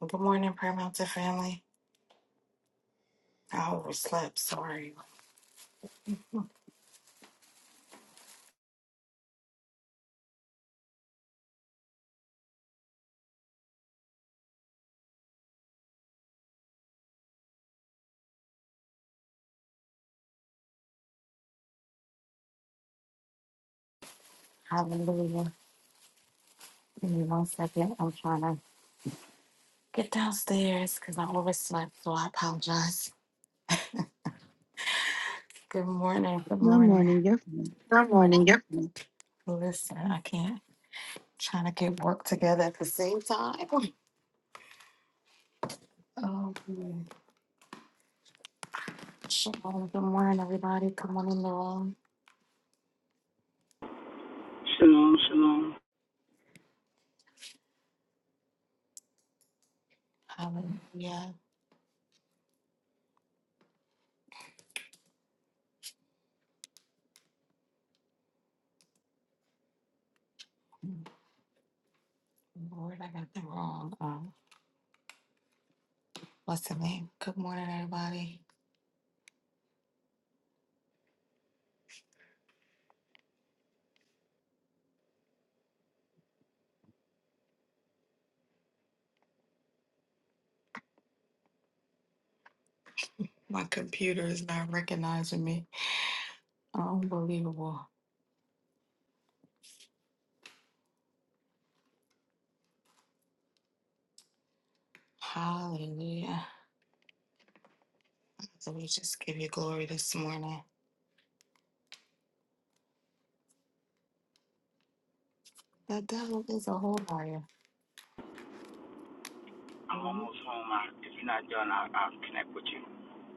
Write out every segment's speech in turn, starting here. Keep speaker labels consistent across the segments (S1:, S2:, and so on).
S1: Well, Good morning, Prayer Mountain family. I overslept. Sorry. Hallelujah. Give me one second. I'm trying to get downstairs because I overslept, so I apologize. Good morning. Good
S2: Good
S1: morning.
S2: morning, your are
S1: Good morning. Yep. Listen, I can't. Trying to get work together at the same time. Oh, man. Shalom. Good morning, everybody. Come on in the room.
S3: Shalom, shalom.
S1: Hallelujah. Lord, I got the wrong. Um, what's the name? Good morning, everybody. My computer is not recognizing me. Unbelievable. Hallelujah. So we just give you glory this morning. The devil is a whole liar.
S3: I'm
S1: Mhm.
S3: almost home. I, if you're not done, I'll, I'll connect with you.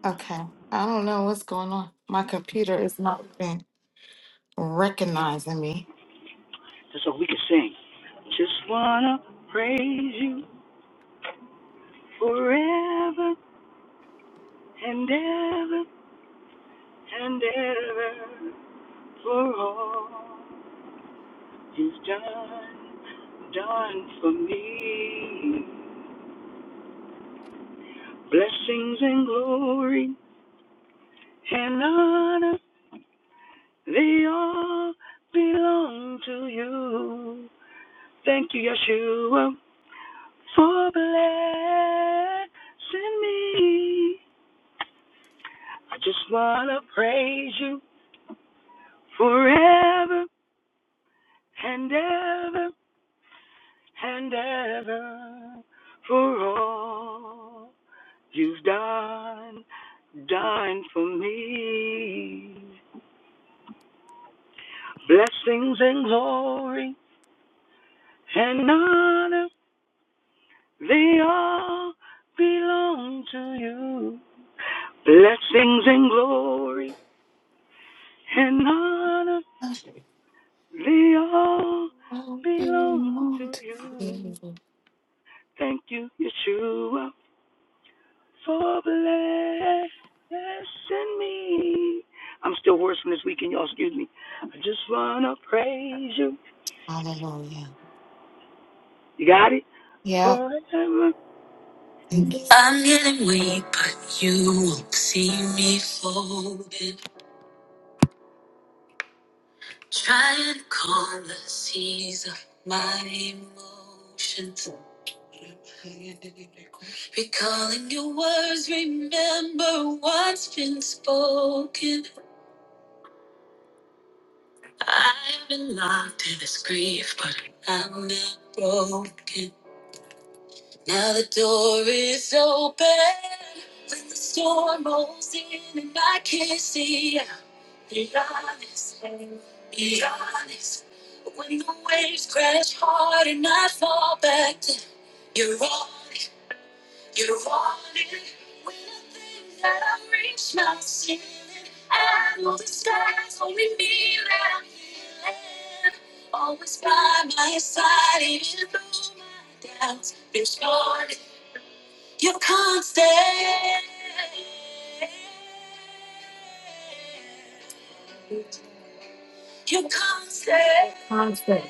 S1: Okay. I don't know what's going on. My computer is not even recognizing me.
S3: That's all we can sing. Just wanna praise you forever and ever and ever for all you've done, done for me. Blessings and glory and honor, they all belong to you. Thank you, Yeshua, for blessing me. I just want to praise you forever and ever and ever for all you've done, done for me. Blessings and glory and honor, they all belong to you. Blessings and glory And honor, they all
S1: Oh, baby,
S3: belong
S1: won't
S3: to you.
S1: you?
S3: Thank you, Yeshua, for blessing me. I'm still worse from this weekend, y'all. Excuse me. I just want to praise you.
S1: Hallelujah.
S3: You got it?
S1: Yep.
S3: Forever.
S1: Thank you. Constant.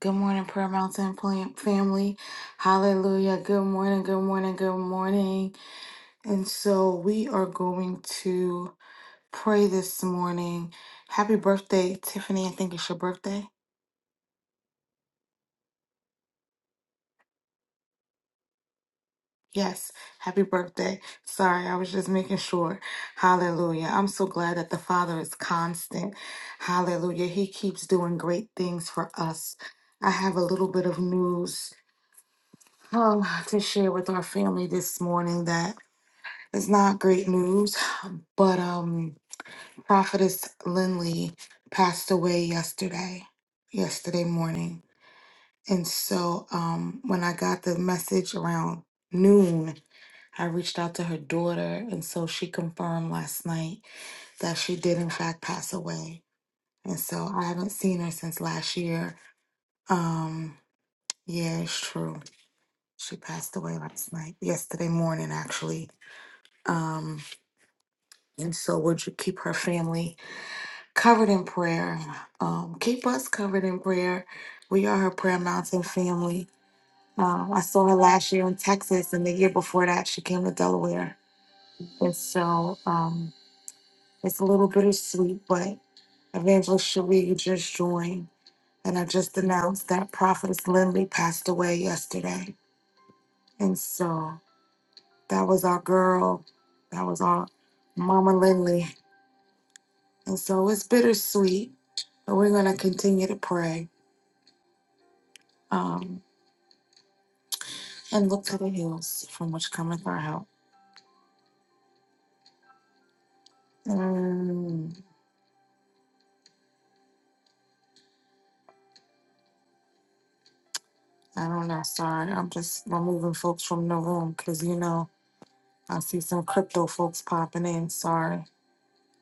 S1: Good morning, Prayer Mountain fam- family. Hallelujah. Good morning, good morning, good morning. And so we are going to pray this morning. Happy birthday, Tiffany. I think it's your birthday. Yes, happy birthday. Sorry, I was just making sure. Hallelujah. I'm so glad that the Father is constant. Hallelujah. He keeps doing great things for us. I have a little bit of news um, to share with our family this morning that It's not great news, but um, Prophetess Lindley passed away yesterday, yesterday morning. And so um, when I got the message around noon, I reached out to her daughter, and so she confirmed last night that she did, in fact, pass away. And so I haven't seen her since last year. Um, yeah, it's true. She passed away last night, yesterday morning, actually. Um, and so would you keep her family? covered in prayer. Um, keep us covered in prayer. We are her Prayer Mountain family. Um, I saw her last year in Texas, and the year before that, she came to Delaware. And so um, it's a little bittersweet, but Evangelist Cherie, you just joined, and I just announced that Prophetess Lindley passed away yesterday. And so that was our girl, that was our Mama Lindley. And so it's bittersweet, but we're going to continue to pray. Um, and look to the hills from which cometh our help. Mm, I don't know. Sorry, I'm just removing folks from the room because you know I see some crypto folks popping in. Sorry,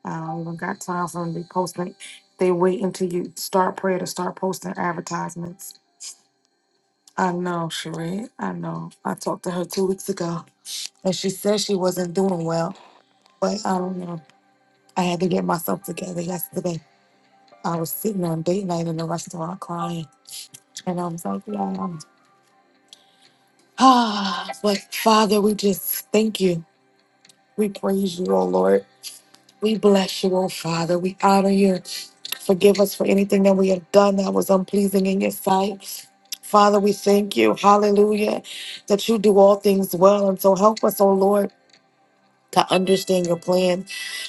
S1: I don't even got time for them to be posting. They wait until you start prayer to start posting advertisements. I know, Sheree. I know. I talked to her two weeks ago, and she said she wasn't doing well, but I don't know. I had to get myself together yesterday. I was sitting on date night in the restaurant crying, and I was like, "Yeah." Ah, but Father, we just thank you. We praise you, oh Lord. We bless you, oh Father. We honor you. Forgive us for anything that we have done that was unpleasing in your sight. Father, we thank you. Hallelujah. That you do all things well. And so help us, oh Lord to understand your plan.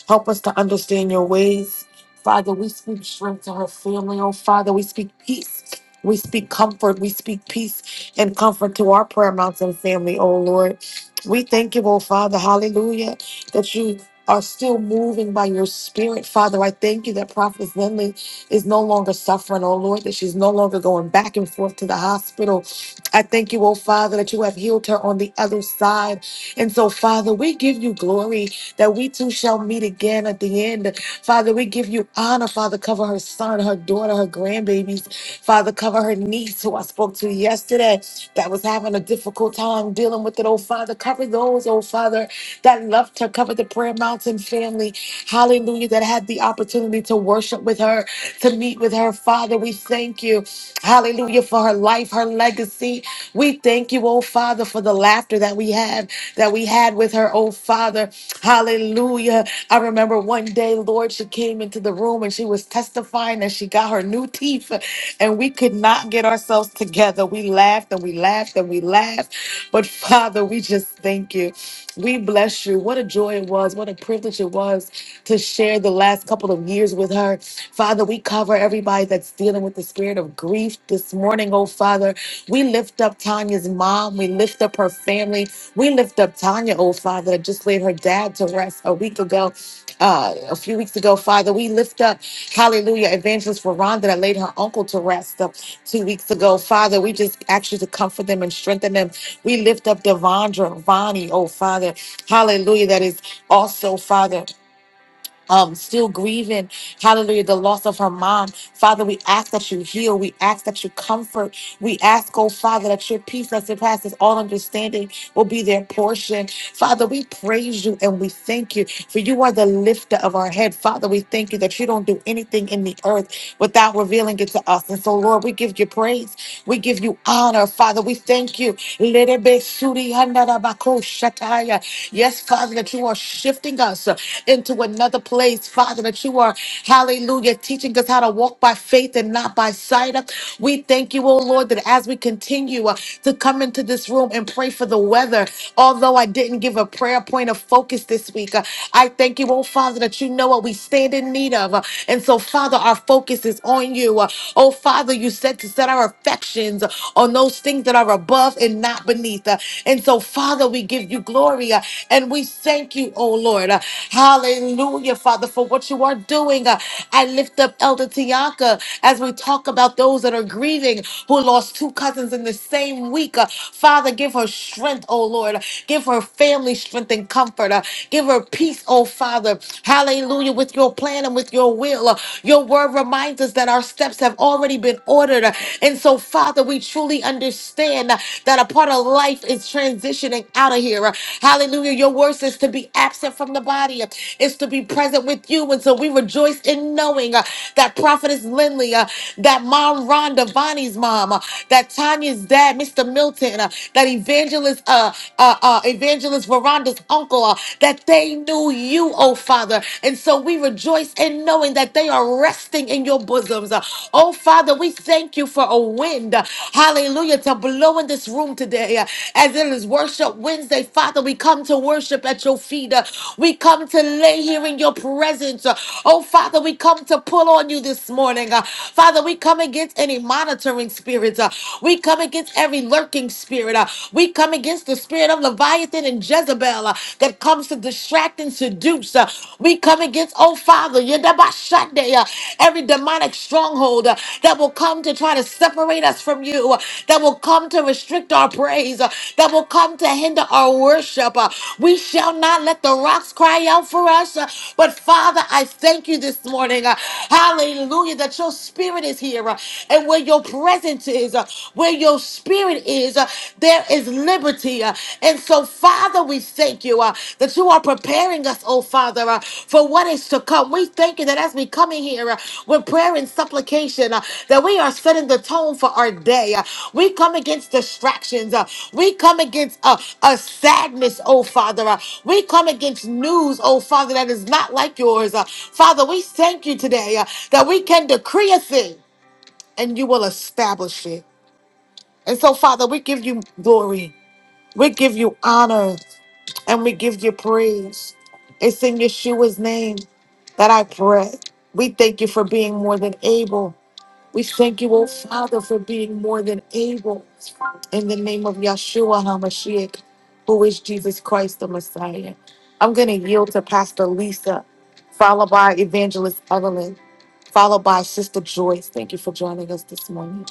S1: Help us to understand your ways. Father, we speak strength to her family. Oh, Father, we speak peace. We speak comfort. We speak peace and comfort to our prayer mountain family, oh Lord. We thank you, oh Father, hallelujah, that you are still moving by your spirit, Father. I thank you that Prophet Lindley is no longer suffering, oh Lord, that she's no longer going back and forth to the hospital. I thank you, oh Father, that you have healed her on the other side. And so, Father, we give you glory that we too shall meet again at the end. Father, we give you honor. Father, cover her son, her daughter, her grandbabies. Father, cover her niece who I spoke to yesterday that was having a difficult time dealing with it. Oh, Father, cover those, oh, Father, that loved her. Cover the Prayer Mountain family. Hallelujah, that had the opportunity to worship with her to meet with her. Father, we thank you, hallelujah, for her life, her legacy. We thank you, oh Father, for the laughter that we have, that we had with her, oh Father, hallelujah. I remember one day, Lord, she came into the room and she was testifying that she got her new teeth, and we could not get ourselves together. We laughed and we laughed and we laughed, but Father, we just thank you. We bless you. What a joy it was. What a privilege it was to share the last couple of years with her. Father, we cover everybody that's dealing with the spirit of grief this morning, oh Father. We lift up Tanya's mom. We lift up her family. We lift up Tanya, oh Father, that just laid her dad to rest a week ago, uh, a few weeks ago, Father. We lift up, hallelujah, Evangelist Veranda that laid her uncle to rest uh, two weeks ago. Father, we just ask you to comfort them and strengthen them we lift up Devondra, Vonnie, oh Father, hallelujah, that is also, Father. Um, still grieving, hallelujah, the loss of her mom. Father, we ask that you heal. We ask that you comfort. We ask, oh Father, that your peace that surpasses all understanding will be their portion. Father, we praise you and we thank you for you are the lifter of our head. Father, we thank you that you don't do anything in the earth without revealing it to us. And so, Lord, we give you praise. We give you honor, Father. We thank you. Lerebesuri handarabako shataya. Yes, Father, that you are shifting us uh, into another place, Father, that you are, hallelujah, teaching us how to walk by faith and not by sight. Uh, We thank you, oh Lord, that as we continue uh, to come into this room and pray for the weather, although I didn't give a prayer point of focus this week, uh, I thank you, oh Father, that you know what we stand in need of. Uh, And so, Father, our focus is on you. Uh, Oh Father, you said set our affections on those things that are above and not beneath. Uh, And so, Father, we give you glory uh, and we thank you, oh Lord. Uh, Hallelujah, Father, for what you are doing. Uh, I lift up Elder Tianka as we talk about those that are grieving who lost two cousins in the same week. Uh, Father, give her strength, oh Lord. Give her family strength and comfort. Uh, Give her peace, oh Father. Hallelujah, with your plan and with your will. Uh, your word reminds us that our steps have already been ordered. And so, Father, we truly understand that a part of life is transitioning out of here. Hallelujah. Your word says to be absent from the body is to be present with you. And so we rejoice in knowing uh, that Prophetess Lindley, uh, that Mom Rhonda Devani's mom, uh, that Tanya's dad, Mr. Milton, uh, that Evangelist, uh, uh, uh, Evangelist Veranda's uncle, uh, that they knew you you, oh Father. And so we rejoice in knowing that they are resting in your bosoms. Oh Father, we thank you for a wind, hallelujah, to blow in this room today. As it is worship Wednesday, Father, we come to worship at your feet. We come to lay here in your presence. Oh Father, we come to pull on you this morning. Father, we come against any monitoring spirits. We come against every lurking spirit. We come against the spirit of Leviathan. Leviathan and Jezebel uh, that comes to distract and seduce. uh, we come against, oh Father, Yedabashande, uh, every demonic stronghold uh, that will come to try to separate us from you, uh, that will come to restrict our praise, uh, that will come to hinder our worship. uh, we shall not let the rocks cry out for us. uh, but Father, I thank you this morning. uh, hallelujah, that your spirit is here uh, and where your presence is, uh, where your spirit is, uh, there is liberty. uh, and so, Father, we thank you uh, that you are preparing us, oh Father, uh, for what is to come. We thank you that as we come in here uh, with prayer and supplication, uh, that we are setting the tone for our day. uh, we come against distractions. uh, we come against uh, a sadness, oh Father. uh, we come against news, oh Father, that is not like yours. uh, Father, we thank you today uh, that we can decree a thing and you will establish it. And so, Father, we give you glory, we give you honor, and we give you praise. It's in Yeshua's name that I pray. We thank you for being more than able. We thank you, oh Father, for being more than able. In the name of Yeshua HaMashiach, who is Jesus Christ the Messiah. I'm going to yield to Pastor Lisa, followed by Evangelist Evelyn, followed by Sister Joyce. Thank you for joining us this morning.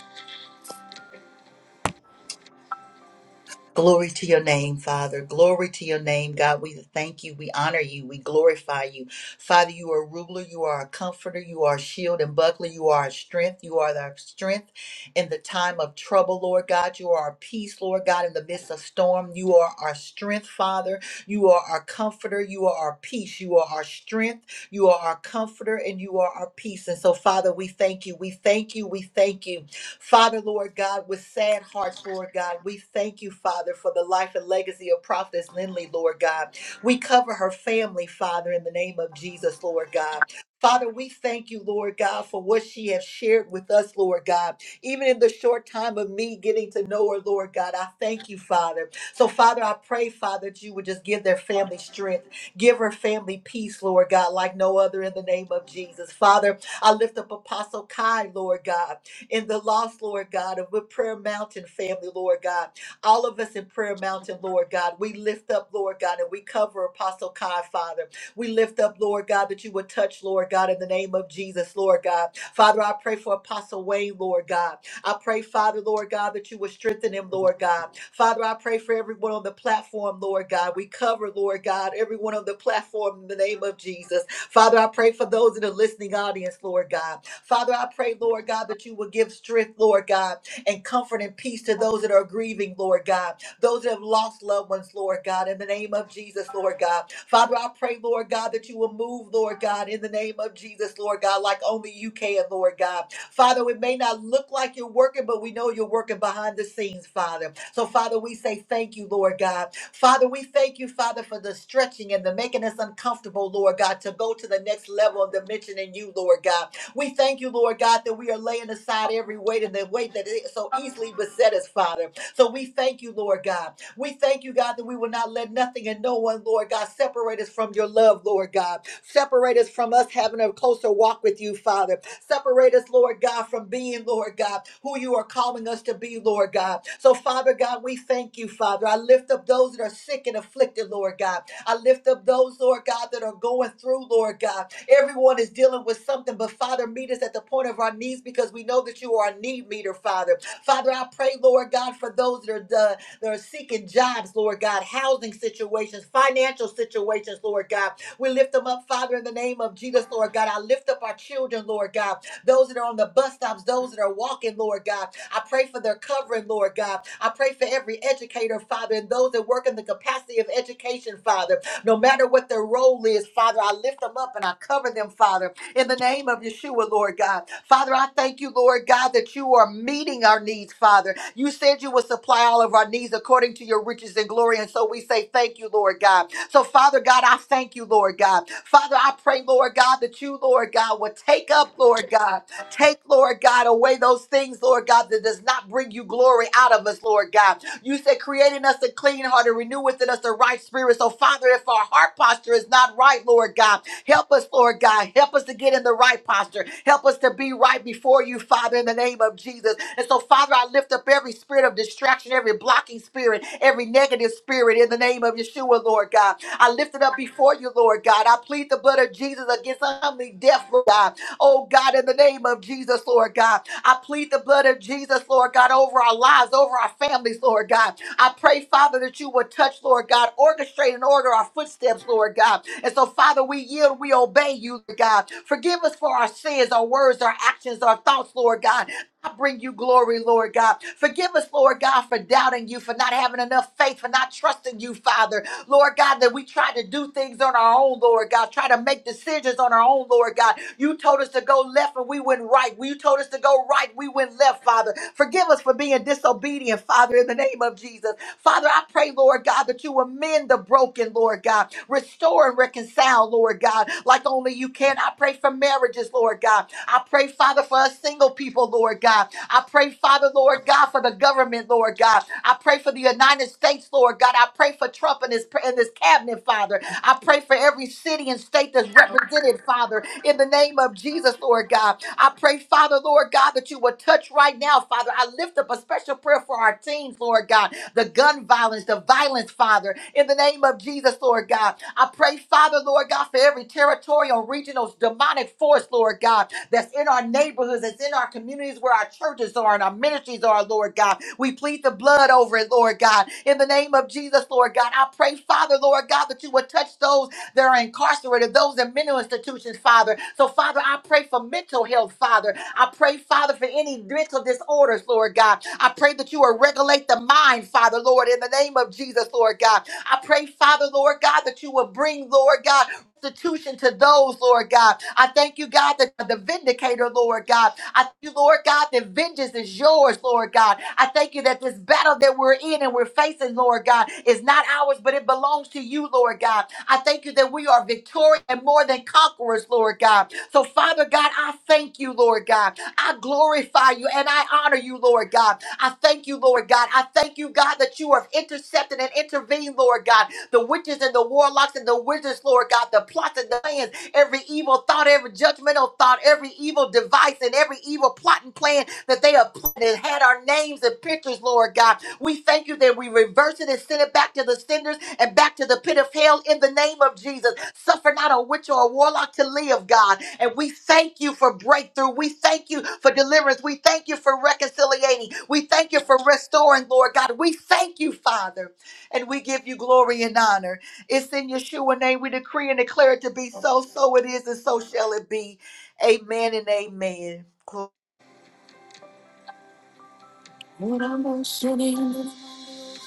S4: Glory to your name, Father. Glory to your name, God. We thank you. We honor you. We glorify you. Father, you are a ruler. You are a comforter. You are a shield and buckler. You are a strength. You are our strength in the time of trouble, Lord God. You are our peace, Lord God, in the midst of storm. You are our strength, Father. You are our comforter. You are our peace. You are our strength. You are our comforter and you are our peace. And so, Father, we thank you. We thank you. We thank you. Father, Lord God, with sad hearts, Lord God, we thank you, Father, for the life and legacy of Prophetess Lindley, Lord God. We cover her family, Father, in the name of Jesus, Lord God. Father, we thank you, Lord God, for what she has shared with us, Lord God. Even in the short time of me getting to know her, Lord God, I thank you, Father. So, Father, I pray, Father, that you would just give their family strength, give her family peace, Lord God, like no other in the name of Jesus. Father, I lift up Apostle Kai, Lord God in the lost, Lord God, of with Prayer Mountain family, Lord God. All of us in Prayer Mountain, Lord God, we lift up, Lord God, and we cover Apostle Kai, Father. We lift up, Lord God, that you would touch, Lord God, in the name of Jesus, Lord God. Father, I pray for Apostle Wayne, Lord God. I pray, Father, Lord God, that you would strengthen him, Lord God. Father, I pray for everyone on the platform, Lord God. We cover, Lord God, everyone on the platform in the name of Jesus. Father, I pray for those in the listening audience, Lord God. Father, I pray, Lord God, that you will give strength, Lord God, and comfort and peace to those that are grieving, Lord God. Those that have lost loved ones, Lord God, in the name of Jesus, Lord God. Father, I pray, Lord God, that you will move, Lord God, in the name of Jesus, Lord God, like only you can, Lord God. Father, it may not look like you're working, but we know you're working behind the scenes, Father. So, Father, we say thank you, Lord God. Father, we thank you, Father, for the stretching and the making us uncomfortable, Lord God, to go to the next level of dimension in you, Lord God. We thank you, Lord God, that we are laying aside every weight and the weight that it so easily beset us, Father. So we thank you, Lord God. We thank you, God, that we will not let nothing and no one, Lord God, separate us from your love, Lord God. Separate us from us having a closer walk with you, Father. Separate us, Lord God, from being, Lord God, who you are calling us to be, Lord God. So, Father God, we thank you, Father. I lift up those that are sick and afflicted, Lord God. I lift up those, Lord God, that are going through, Lord God. Everyone is dealing with something, but Father, meet us at the point of our knees because we know that you are a need meter, Father. Father, I pray, Lord God, for those that are the, that are seeking jobs, Lord God, housing situations, financial situations, Lord God. We lift them up, Father, in the name of Jesus, Lord God. I lift up our children, Lord God. Those that are on the bus stops, those that are walking, Lord God. I pray for their covering, Lord God. I pray for every educator, Father, and those that work in the capacity of education, Father. No matter what their role is, Father, I lift them up and I cover them, Father, in the name of Yeshua, Lord God. Father, I thank you, Lord God, that you are meeting our needs, Father. You said you would supply all of our needs according to your riches and glory. And so we say thank you, Lord God. So, Father God, I thank you, Lord God. Father, I pray, Lord God, that you, Lord God, would take up, Lord God, take, Lord God, away those things, Lord God, that does not bring you glory out of us, Lord God. You said, creating us a clean heart and renew within us the right spirit. So, Father, if our heart posture is not right, Lord God, help us, Lord God. Help us to get in the right posture. Help us to be right before you, Father, in the name of Jesus. And so, Father, I lift up every spirit of distraction, every blocking spirit, every negative spirit in the name of Yeshua, Lord God. I lift it up before you, Lord God. I plead the blood of Jesus against untimely death, Lord God. Oh God, in the name of Jesus, Lord God. I plead the blood of Jesus, Lord God, over our lives, over our families, Lord God. I pray, Father, that you would touch, Lord God, orchestrate and order our footsteps, Lord God. And so, Father, we yield, we obey you, Lord God. Forgive us for our sins, our words, our actions, our thoughts, Lord God. I bring you glory, Lord God. Forgive us, Lord God, for doubting you, for not having enough faith, for not trusting you, Father. Lord God, that we try to do things on our own, Lord God, try to make decisions on our own, Lord God. You told us to go left and we went right. You told us to go right, we went left, Father. Forgive us for being disobedient, Father, in the name of Jesus. Father, I pray, Lord God, that you amend the broken, Lord God. Restore and reconcile, Lord God, like only you can. I pray for marriages, Lord God. I pray, Father, for us single people, Lord God. I pray, Father, Lord God, for the government, Lord God. I pray for the United States, Lord God. I pray for Trump and his, and his cabinet, Father. I pray for every city and state that's represented, Father, in the name of Jesus, Lord God. I pray, Father, Lord God, that you would touch right now, Father. I lift up a special prayer for our teens, Lord God. The gun violence, the violence, Father, in the name of Jesus, Lord God. I pray, Father, Lord God, for every territorial, regional, demonic force, Lord God, that's in our neighborhoods, that's in our communities where our churches are and our ministries are, Lord God. We plead the blood over it, Lord God. In the name of Jesus, Lord God, I pray, Father, Lord God, that you would touch those that are incarcerated, those in mental institutions, Father. So, Father, I pray for mental health, Father. I pray, Father, for any mental disorders, Lord God. I pray that you will regulate the mind, Father, Lord, in the name of Jesus, Lord God. I pray, Father, Lord God, that you will bring, Lord God, restitution to those, Lord God. I thank you, God, that you're the vindicator, Lord God. I thank you, Lord God, that vengeance is yours, Lord God. I thank you that this battle that we're in and we're facing, Lord God, is not ours, but it belongs to you, Lord God. I thank you that we are victorious and more than conquerors, Lord God. So, Father God, I thank you, Lord God. I glorify you and I honor you, Lord God. I thank you, Lord God. I thank you, God, that you have intercepted and intervened, Lord God. The witches and the warlocks and the wizards, Lord God, the plots and the plans every evil thought, every judgmental thought, every evil device, and every evil plot and plan that they have plotted and had our names and pictures, Lord God. We thank you that we reverse it and send it back to the senders and back to the pit of hell in the name of Jesus. Suffer not a witch or a warlock to live, God. And we thank you for breakthrough. We thank you for deliverance. We thank you for reconciliating. We thank you for restoring, Lord God. We thank you, Father. And we give you glory and honor. It's in Yeshua name. We decree and declare it to be so. So it is, and so shall it be. Amen and amen.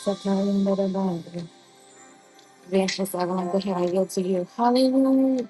S1: Evangelist, I want to go ahead and yield to you. Hallelujah.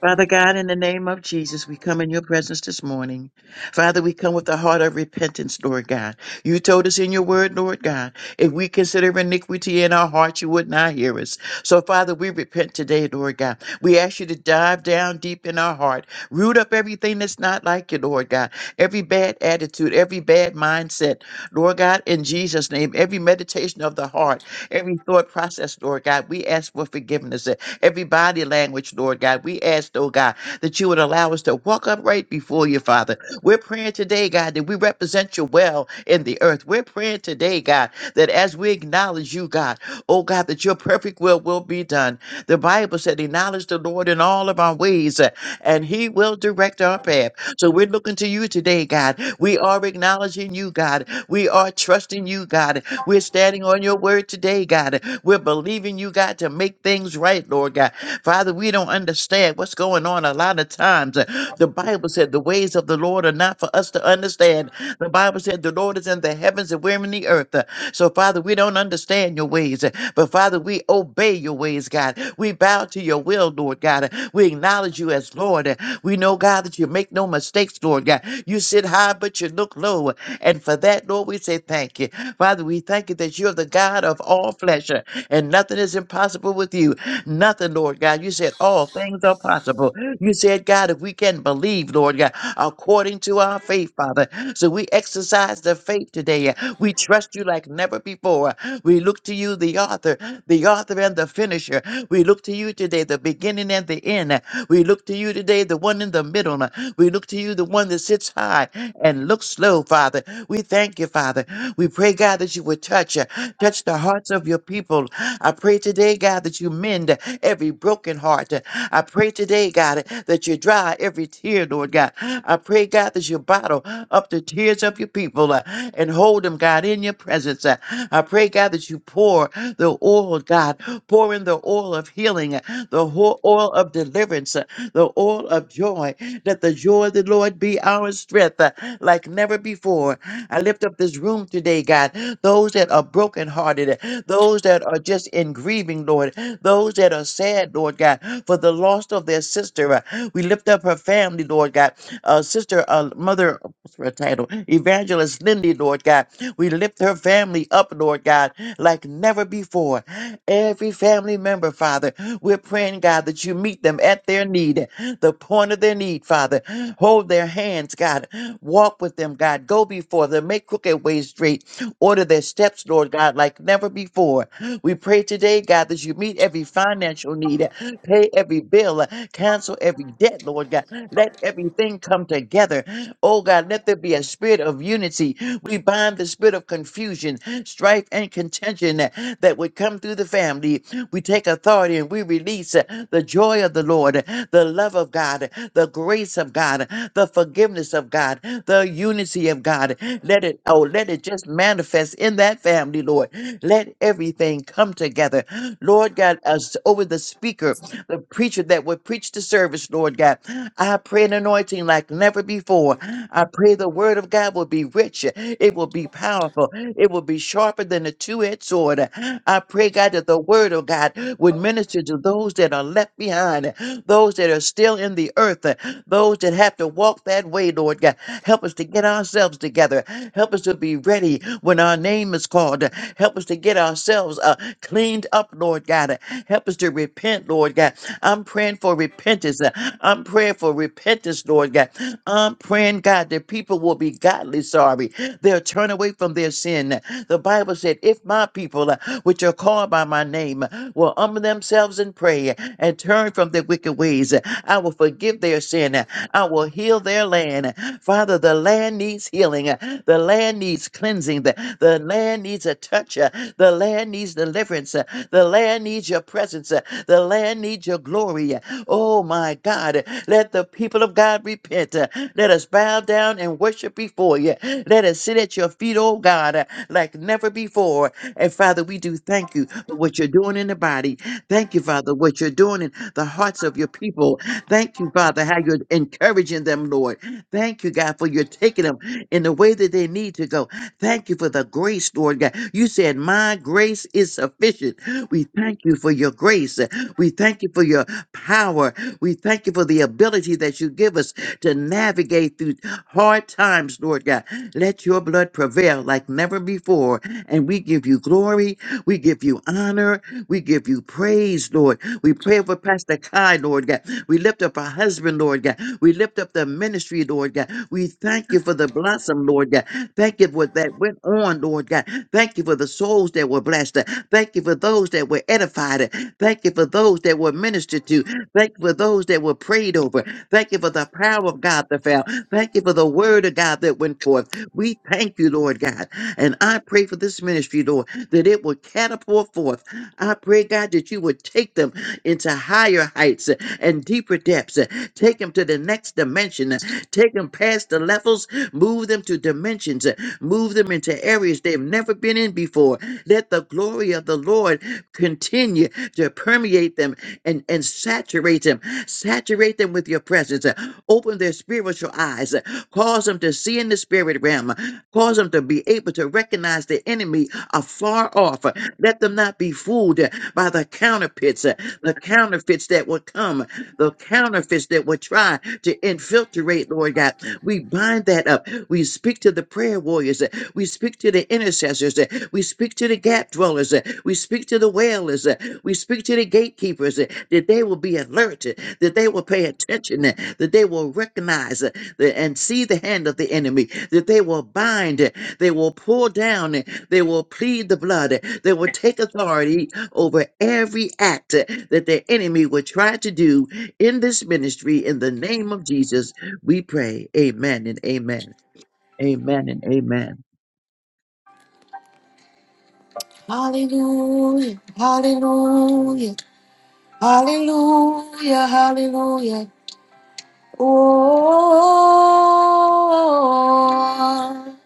S5: Father God, in the name of Jesus, we come in your presence this morning. Father, we come with a heart of repentance, Lord God. You told us in your word, Lord God, if we consider iniquity in our hearts, you would not hear us. So, Father, we repent today, Lord God. We ask you to dive down deep in our heart, root up everything that's not like you, Lord God. Every bad attitude, every bad mindset, Lord God, in Jesus' name, every meditation of the heart, every thought process, Lord God, we ask for forgiveness every body language, Lord God. We ask, oh God, that you would allow us to walk upright before you, Father. We're praying today, God, that we represent you well in the earth. We're praying today, God, that as we acknowledge you, God, oh God, that your perfect will will be done. The Bible said, acknowledge the Lord in all of our ways, uh, and he will direct our path. So we're looking to you today, God. We are acknowledging you, God. We are trusting you, God. We're standing on your word today, God. We're believing you, God, to make things right, Lord God. Father, we don't understand what's going on a lot of times. The Bible said the ways of the Lord are not for us to understand, the Bible said the Lord is in the heavens and we're in the earth. Uh, So, Father, we don't understand your ways, uh, but Father, we obey your ways, God. We bow to your will, Lord God. Uh, We acknowledge you as Lord. Uh, We know, God, that you make no mistakes, Lord God. You sit high, but you look low. And for that, Lord, we say thank you. Father, we thank you that you're the God of all flesh, uh, and nothing is impossible with you. Nothing, Lord God. You said all things are possible. You said, God, if we can believe, Lord God, according to our faith, Father. So we exercise the faith today. We trust you like never before. We look to you, the author, the author and the finisher. We look to you today, the beginning and the end. We look to you today, the one in the middle. We look to you, the one that sits high and looks low, Father. We thank you, Father. Father. We pray, God, that you would touch, uh, touch the hearts of your people. I pray today, God, that you mend every broken heart. I pray today, God, that you dry every tear, Lord God. I pray, God, that you bottle up the tears of your people uh, and hold them, God, in your presence. uh. I pray, God, that you pour the oil, God, pour in the oil of healing, uh, the ho- oil of deliverance, uh, the oil of joy. Let the joy of the Lord be our strength uh, like never before. I lift up this room today, God. Those that are brokenhearted, those that are just in grieving, Lord, those that are sad, Lord God, for the loss of their sister. uh, We lift up her family, Lord God. Uh, sister, uh, mother, what's her title? Evangelist Lindy, Lord God. We lift her family up, Lord God, like never before. Every family member, Father, we're praying, God, that you meet them at their need, the point of their need, Father. Hold their hands, God. Walk with them, God. Go before them. Make crooked ways straight. Order their steps, Lord God, like never before. We pray today, God, that you meet every financial need, pay every bill, cancel every debt, Lord God. Let everything come together. Oh God, let there be a spirit of unity. We bind the spirit of confusion strife, and contention that that would come through the family. We take authority and we release uh, the joy of the Lord, uh, the love of God, uh, the grace of God, uh, the forgiveness of God, the unity of God. Let it, oh, let it just manifest in that family, Lord. Let everything come together. Lord God, us over the speaker the preacher that would preach the service, Lord God. I pray an anointing like never before. I pray the word of God will be rich, it will be powerful, it will be sharper than a two edged sword. I pray, God, that the word of God would minister to those that are left behind, those that are still in the earth, those that have have to walk that way, Lord God. Help us to get ourselves together. Help us to be ready when our name is called. Help us to get ourselves uh, cleaned up, Lord God. Help us to repent, Lord God. I'm praying for repentance. uh, I'm praying for repentance, Lord God. I'm praying, God, that people will be godly sorry. They'll turn away from their sin. The Bible said, if my people, uh, which are called by my name, uh, will humble themselves and pray uh, and turn from their wicked ways, uh, I will forgive their sin. I will heal their land. Father, the land needs healing. uh, The land needs cleansing. The, the land needs a touch. uh, The land needs deliverance. uh, The land needs your presence. uh, The land needs your glory. uh, Oh my God. Let the people of God repent. uh, Let us bow down and worship before you. Let us sit at your feet, oh God, uh, like never before. And Father, we do thank you for what you're doing in the body. Thank you, Father, what you're doing in the hearts of your people. Thank you, Father, how you're encouraging them, Lord. Thank you, God, for you're taking them in the way that they need to go. Thank you for the grace, Lord God. You said, My grace is sufficient. We thank you for your grace. We thank you for your power. We thank you for the ability that you give us to navigate through hard times, Lord God. Let your blood prevail like never before. And we give you glory. We give you honor. We give you praise, Lord. We pray for Pastor Kai, Lord God. We lift up our husband, Lord God. We lift up the ministry, Lord God. We thank you for the blossom, Lord God. Thank you for what that went on, Lord God. Thank you for the souls that were blessed. Thank you for those that were edified. Thank you for those that were ministered to. Thank you for those that were prayed over. Thank you for the power of God that fell. Thank you for the word of God that went forth. We thank you, Lord God. And I pray for this ministry, Lord, that it will catapult forth. I pray, God, that you would take them into higher heights and deeper depths. uh, Take them to the next dimension. uh, Take them past the levels. Move them to dimensions. uh, Move them into areas they've never been in before. Let the glory of the Lord continue to permeate them and, and saturate them. Saturate them with your presence. uh, Open their spiritual eyes. uh, Cause them to see in the spirit realm. uh, Cause them to be able to recognize the enemy afar off. uh, Let them not be fooled uh, by the counterfeits, uh, the counterfeits that will come the counterfeits that would try to infiltrate, Lord God. We bind that up. We speak to the prayer warriors. uh, We speak to the intercessors. uh, We speak to the gap dwellers. uh, We speak to the wailers. uh, We speak to the gatekeepers uh, that they will be alerted, that they will pay attention, uh, that they will recognize uh, the- and see the hand of the enemy, that they will bind, uh, they will pull down, uh, they will plead the blood, uh, they will take authority over every act uh, that the enemy would try to do in this ministry. In the name of Jesus, we pray. Amen and amen. Amen and amen.
S1: Hallelujah. Hallelujah. Hallelujah. Hallelujah. Oh,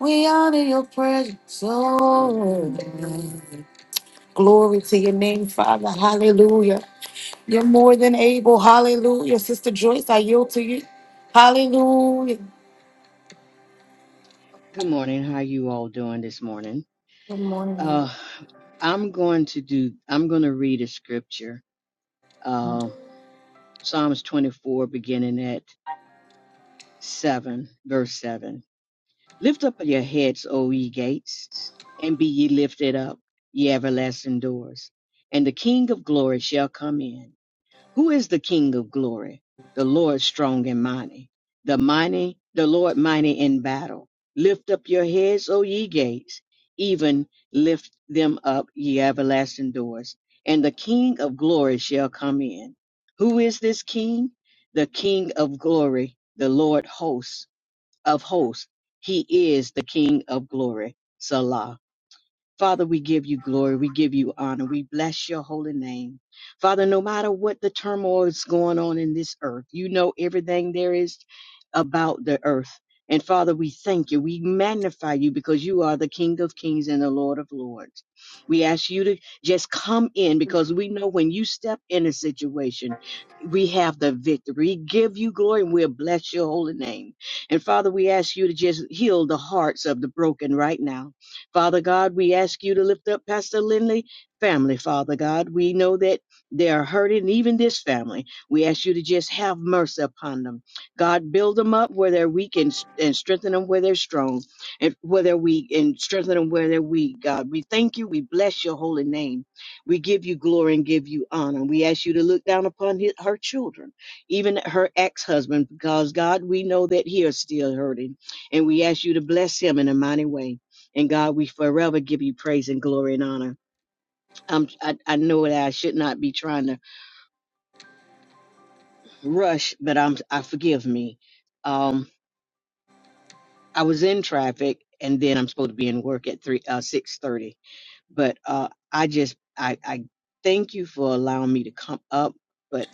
S1: we honor your presence. Oh, glory to your name, Father. Hallelujah. You're more than able. Hallelujah. Sister Joyce, I yield to you. Hallelujah.
S6: Good morning. How you all doing this morning?
S1: Good morning.
S6: Uh, I'm going to do. I'm going to read a scripture. Uh, Psalms 24, beginning at seven, verse seven. Lift up your heads, O ye gates, and be ye lifted up, ye everlasting doors, and the King of glory shall come in. Who is the King of glory? The Lord strong and mighty. The mighty, the Lord mighty in battle. Lift up your heads, O ye gates, even lift them up, ye everlasting doors, and the King of glory shall come in. Who is this King? The King of glory, the Lord hosts of hosts. He is the King of glory. Salah. Father, we give you glory. We give you honor. We bless your holy name. Father, no matter what the turmoil is going on in this earth, you know everything there is about the earth. And Father, we thank you. We magnify you because you are the King of kings and the Lord of lords. We ask you to just come in because we know when you step in a situation, we have the victory. We give you glory and we'll bless your holy name. And Father, we ask you to just heal the hearts of the broken right now Father God, we ask you to lift up Pastor Lindley family, Father God. We know that they are hurting, even this family. We ask you to just have mercy upon them. God, build them up where they're weak and, and strengthen them where they're strong, and where they're weak and strengthen them where they're weak, God. We thank you. We bless your holy name. We give you glory and give you honor. We ask you to look down upon his, her children, even her ex husband, because God, we know that he is still hurting. And we ask you to bless him in a mighty way. And God, we forever give you praise and glory and honor. I'm, I, I know that I should not be trying to rush, but I'm, I forgive me. Um, I was in traffic and then I'm supposed to be in work at three, uh, 630. But, uh, I just, I, I thank you for allowing me to come up, but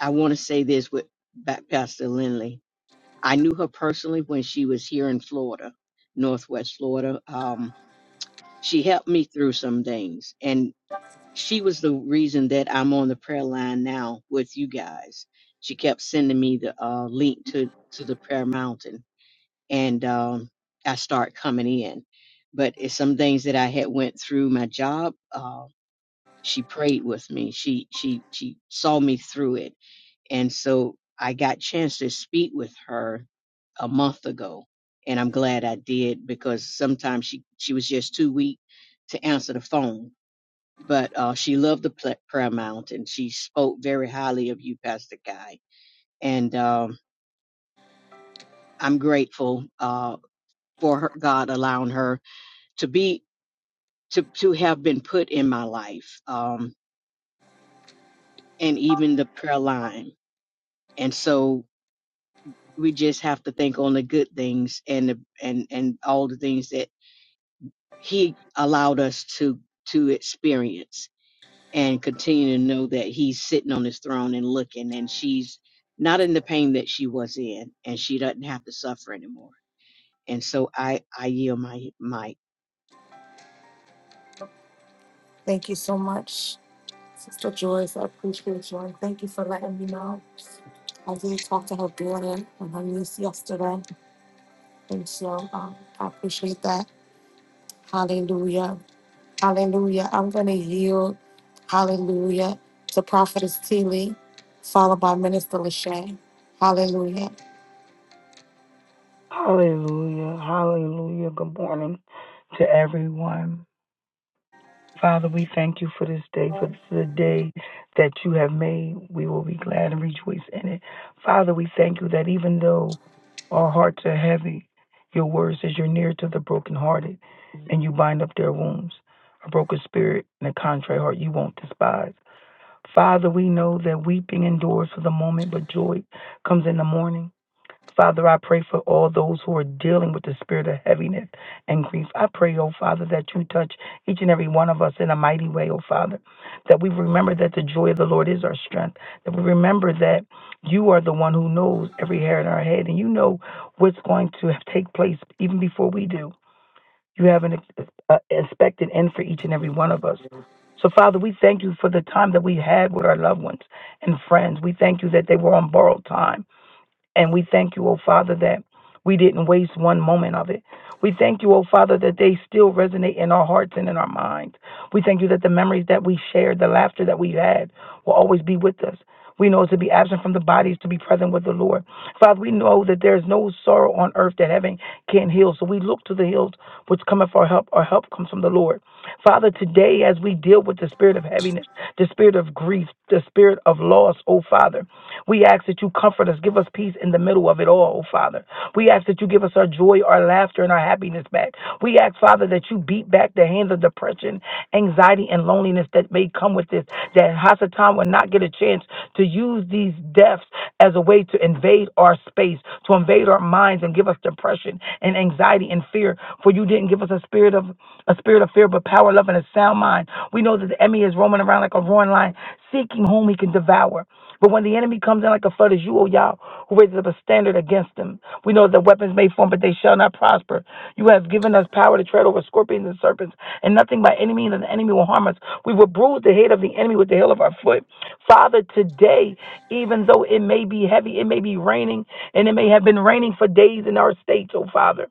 S6: I want to say this with back Pastor Lindley. I knew her personally when she was here in Florida, Northwest Florida. Um, she helped me through some things and. she was the reason that I'm on the prayer line now with you guys. She kept sending me the uh, link to to the prayer mountain, and um, I start coming in. But it's some things that I had went through my job. Uh, she prayed with me. She she she saw me through it, and so I got chance to speak with her a month ago, and I'm glad I did because sometimes she she was just too weak to answer the phone but uh, she loved the pla- prayer mount and she spoke very highly of you, Pastor Guy. And um, I'm grateful uh, for her, God allowing her to be to to have been put in my life, um, and even the prayer line. And so we just have to think on the good things and the, and and all the things that He allowed us to to experience. and continue to know that he's sitting on his throne and looking and she's not in the pain that she was in and she doesn't have to suffer anymore and so i i yield my mic
S1: Thank you so much. Sister Joyce, I appreciate you and thank you for letting me know. I did talk to her daughter and her niece yesterday, and so um, I appreciate that. Hallelujah. Hallelujah. I'm going to yield, hallelujah, to Prophetess Teeley, followed by Minister Lachey. Hallelujah.
S3: Hallelujah. Hallelujah. Good morning to everyone. Father, we thank you for this day, for this is a day that you have made. We will be glad and rejoice in it. Father, we thank you that even though our hearts are heavy, your word says you're near to the brokenhearted and you bind up their wounds. A broken spirit and a contrite heart you won't despise. Father, we know that weeping endures for the moment, but joy comes in the morning. Father, I pray for all those who are dealing with the spirit of heaviness and grief. I pray, oh Father, that you touch each and every one of us in a mighty way, oh Father. That we remember that the joy of the Lord is our strength. That we remember that you are the one who knows every hair in our head and you know what's going to take place even before we do. You have an ex- uh, expected end for each and every one of us. So, Father, we thank you for the time that we had with our loved ones and friends. We thank you that they were on borrowed time and we thank you, O Father, that we didn't waste one moment of it. We thank you, O Father, that they still resonate in our hearts and in our minds. We thank you that the memories that we shared, the laughter that we had, will always be with us. We know to be absent from the body is to be present with the Lord. Father, we know that there is no sorrow on earth that heaven can't heal. So we look to the hills which cometh for help. Our help comes from the Lord. Father, today as we deal with the spirit of heaviness, discouraged, the spirit of grief, the spirit of loss, oh Father. We ask that you comfort us, give us peace in the middle of it all, oh Father. We ask that you give us our joy, our laughter, and our happiness back. We ask, Father, that you beat back the hands of depression, anxiety, and loneliness that may come with this, that Hasatan will not get a chance to use these deaths as a way to invade our space ways to invade our minds and give us depression and anxiety and fear. For you didn't give us a spirit of a spirit of fear, but power, love, and a sound mind. We know that the enemy is roaming around like a roaring lion, seeking whom he can devour. But when the enemy comes in like a flood, it's you, O Yah, who raises up a standard against him. We know the weapons may form, but they shall not prosper. You have given us power to tread over scorpions and serpents, and nothing by any means of the enemy will harm us. We will bruise the head of the enemy with the heel of our foot. Father, today even though it may be heavy, it may be raining, and it may have been raining for days in our states, oh Father.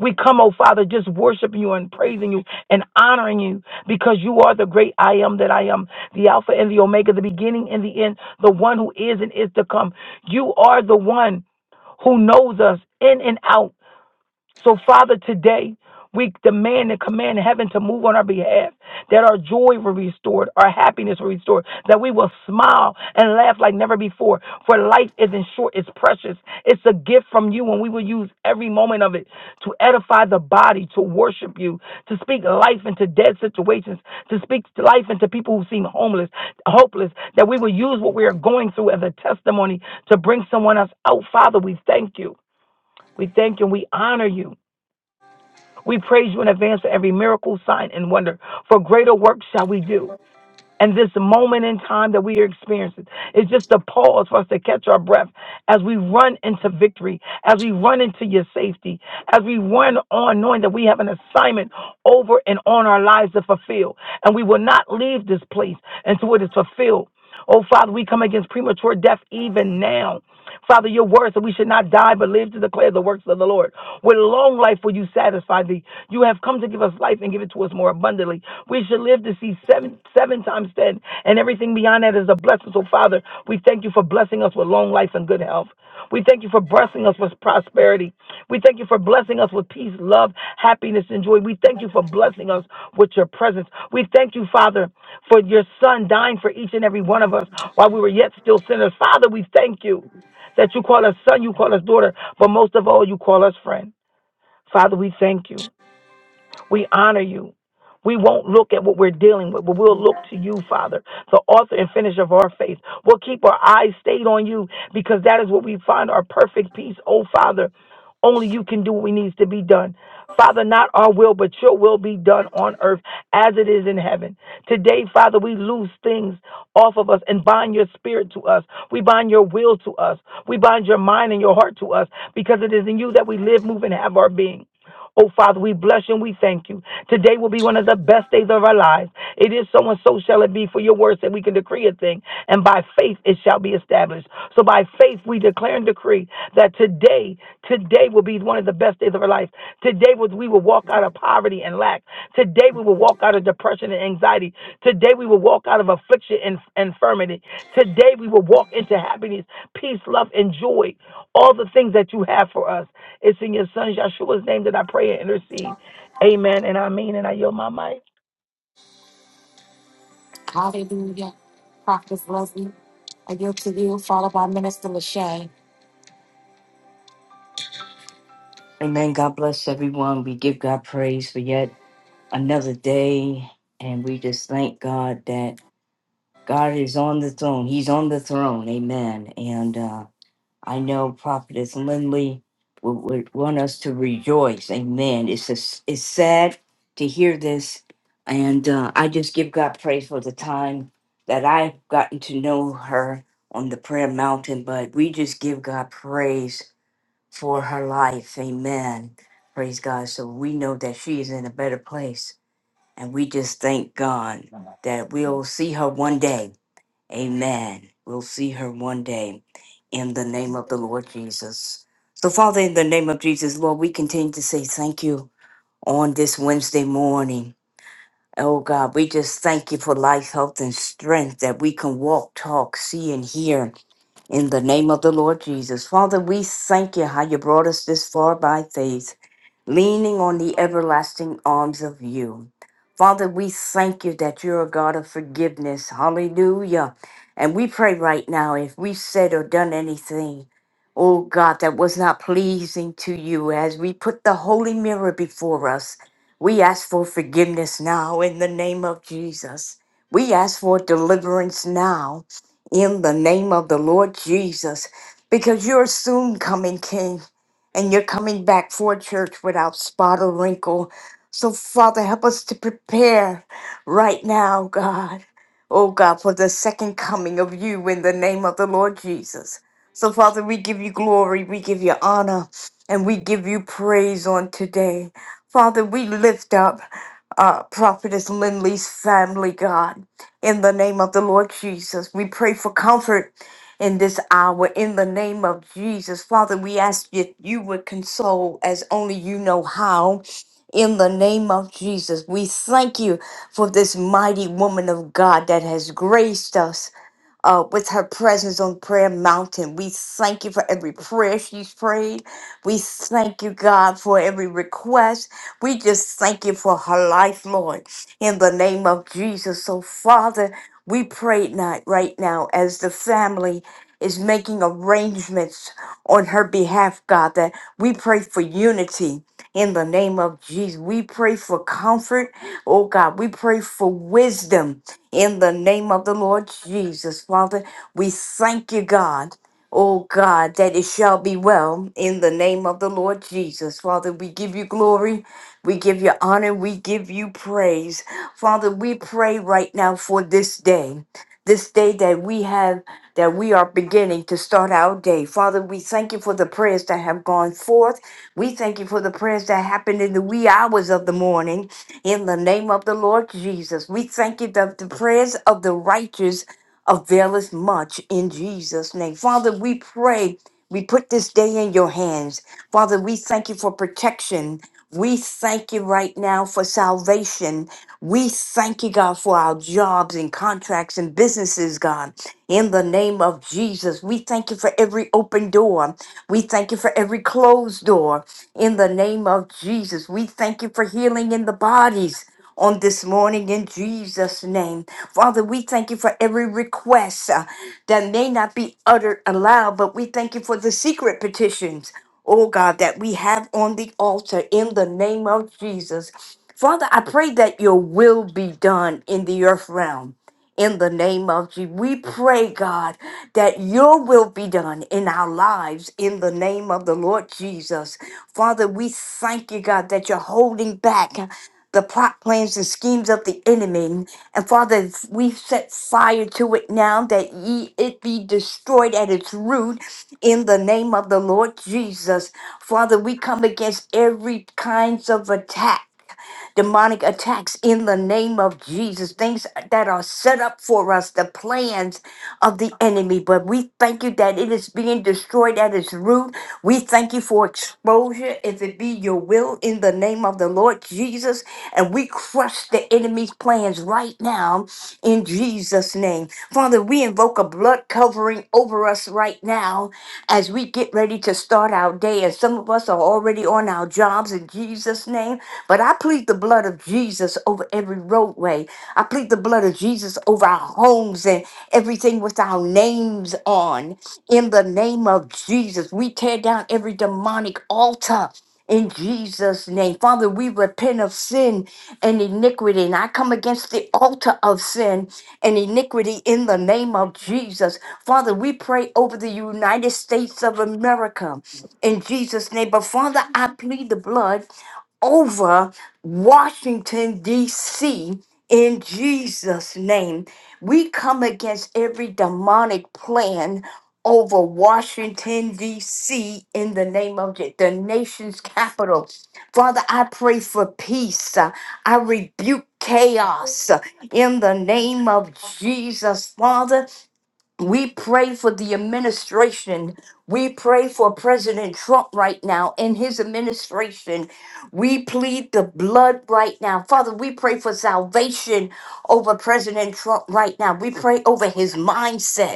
S3: We come, oh Father, just worshiping you and praising you and honoring you because you are the great I am that I am, the Alpha and the Omega, the beginning and the end, the one who is and is to come. You are the one who knows us in and out so, Father, today we demand and command heaven to move on our behalf, that our joy will be restored, our happiness will be restored, that we will smile and laugh like never before. For life isn't short, it's precious. It's a gift from you, and we will use every moment of it to edify the body, to worship you, to speak life into dead situations, to speak life into people who seem homeless, hopeless, that we will use what we are going through as a testimony to bring someone else out. Father, we thank you. We thank you and we honor you. We praise you in advance for every miracle, sign, and wonder. For greater work shall we do. And this moment in time that we are experiencing is just a pause for us to catch our breath as we run into victory, as we run into your safety, as we run on knowing that we have an assignment over and on our lives to fulfill. And we will not leave this place until it is fulfilled. Oh, Father, we come against premature death even now. Father, your words that we should not die but live to declare the works of the Lord. With long life will you satisfy thee. You have come to give us life and give it to us more abundantly. We should live to see seven seven times ten, and everything beyond that is a blessing. So, Father, we thank you for blessing us with long life and good health. We thank you for blessing us with prosperity. We thank you for blessing us with peace, love, happiness, and joy. We thank you for blessing us with your presence. We thank you, Father, for your Son dying for each and every one of us while we were yet still sinners. Father, we thank you. That you call us son, you call us daughter, but most of all, you call us friend. Father, we thank you. We honor you. We won't look at what we're dealing with, but we'll look to you, Father, the author and finisher of our faith. We'll keep our eyes stayed on you because that is where we find our perfect peace. Oh, Father, only you can do what needs to be done. Father, not our will, but your will be done on earth as it is in heaven. Today, Father, we loose things off of us and bind your spirit to us. We bind your will to us. We bind your mind and your heart to us because it is in you that we live, move, and have our being. Oh, Father, we bless you and we thank you. Today will be one of the best days of our lives. It is so and so shall it be for your words that we can decree a thing, and by faith it shall be established. So by faith we declare and decree that today, today will be one of the best days of our life. Today was- we will walk out of poverty and lack. Today we will walk out of depression and anxiety. Today we will walk out of affliction and and infirmity. Today we will walk into happiness, peace, love, and joy. All the things that you have for us. It's in your son Yeshua's name that I pray and intercede. Amen. And I mean, and I yield my mic.
S1: Hallelujah. Prophetess Leslie, I yield to you, followed by Minister Lachey.
S7: Amen. God bless everyone. We give God praise for yet another day. And we just thank God that God is on the throne. He's on the throne. Amen. And uh, I know Prophetess Lindley would, would want us to rejoice. Amen. It's, just, it's sad to hear this. And uh, I just give God praise for the time that I've gotten to know her on the prayer mountain. But we just give God praise for her life. Amen. Praise God. So we know that she is in a better place. And we just thank God that we'll see her one day. Amen. We'll see her one day in the name of the Lord Jesus. So, Father, in the name of Jesus, Lord, we continue to say thank you on this Wednesday morning. Oh God, we just thank you for life, health, and strength that we can walk, talk, see, and hear in the name of the Lord Jesus. Father, we thank you how you brought us this far by faith, leaning on the everlasting arms of you. Father, we thank you that you're a God of forgiveness. Hallelujah. And we pray right now if we've said or done anything, oh God, that was not pleasing to you as we put the holy mirror before us. We ask for forgiveness now in the name of Jesus. We ask for deliverance now in the name of the Lord Jesus, because you're soon coming, King, and you're coming back for a church without spot or wrinkle. So, Father, help us to prepare right now, God. Oh, God, for the second coming of you in the name of the Lord Jesus. So, Father, we give you glory, we give you honor, and we give you praise on today. Father, we lift up uh, Prophetess Lindley's family, God, in the name of the Lord Jesus. We pray for comfort in this hour, in the name of Jesus. Father, we ask that you would console as only you know how. In the name of Jesus, we thank you for this mighty woman of God that has graced us uh, with her presence on Prayer Mountain. We thank you for every prayer she's prayed. We thank you, God, for every request. We just thank you for her life, Lord, in the name of Jesus. So, Father, we pray not right now as the family is making arrangements on her behalf, God, that we pray for unity in the name of Jesus. We pray for comfort, oh God. We pray for wisdom in the name of the Lord Jesus. Father, we thank you, God. Oh God, that it shall be well in the name of the Lord Jesus. Father, we give you glory, we give you honor, we give you praise. Father, we pray right now for this day, this day that we have, that we are beginning to start our day. Father, we thank you for the prayers that have gone forth. We thank you for the prayers that happened in the wee hours of the morning. In the name of the Lord Jesus, we thank you that the prayers of the righteous availeth much in Jesus' name. Father, we pray, we put this day in your hands. Father, we thank you for protection. We thank you right now for salvation. We thank you, God, for our jobs and contracts and businesses, God. In the name of Jesus, we thank you for every open door. We thank you for every closed door. In the name of Jesus, we thank you for healing in the bodies on this morning in Jesus' name. Father, we thank you for every request uh, that may not be uttered aloud, but we thank you for the secret petitions, oh God, that we have on the altar in the name of Jesus. Father, I pray that your will be done in the earth realm in the name of Jesus. We pray, God, that your will be done in our lives in the name of the Lord Jesus. Father, we thank you, God, that you're holding back the plot plans and schemes of the enemy. And Father, we set fire to it now that ye, it be destroyed at its root in the name of the Lord Jesus. Father, we come against every kinds of attack demonic attacks in the name of Jesus, things that are set up for us, the plans of the enemy. But we thank you that it is being destroyed at its root. We thank you for exposure, if it be your will, in the name of the Lord Jesus. And we crush the enemy's plans right now in Jesus' name. Father, we invoke a blood covering over us right now as we get ready to start our day. And some of us are already on our jobs in Jesus' name. But I plead the blood of Jesus over every roadway. I plead the blood of Jesus over our homes and everything with our names on. In the name of Jesus, we tear down every demonic altar. In Jesus' name. Father, we repent of sin and iniquity. And I come against the altar of sin and iniquity in the name of Jesus. Father, we pray over the United States of America in Jesus' name. But Father, I plead the blood over Washington, D.C. in Jesus' name. We come against every demonic plan over Washington, D.C. in the name of Je- the nation's capital. Father, I pray for peace. Uh, I rebuke chaos uh, in the name of Jesus, Father. We pray for the administration. We pray for President Trump right now and his administration. We plead the blood right now. Father, we pray for salvation over President Trump right now. We pray over his mindset.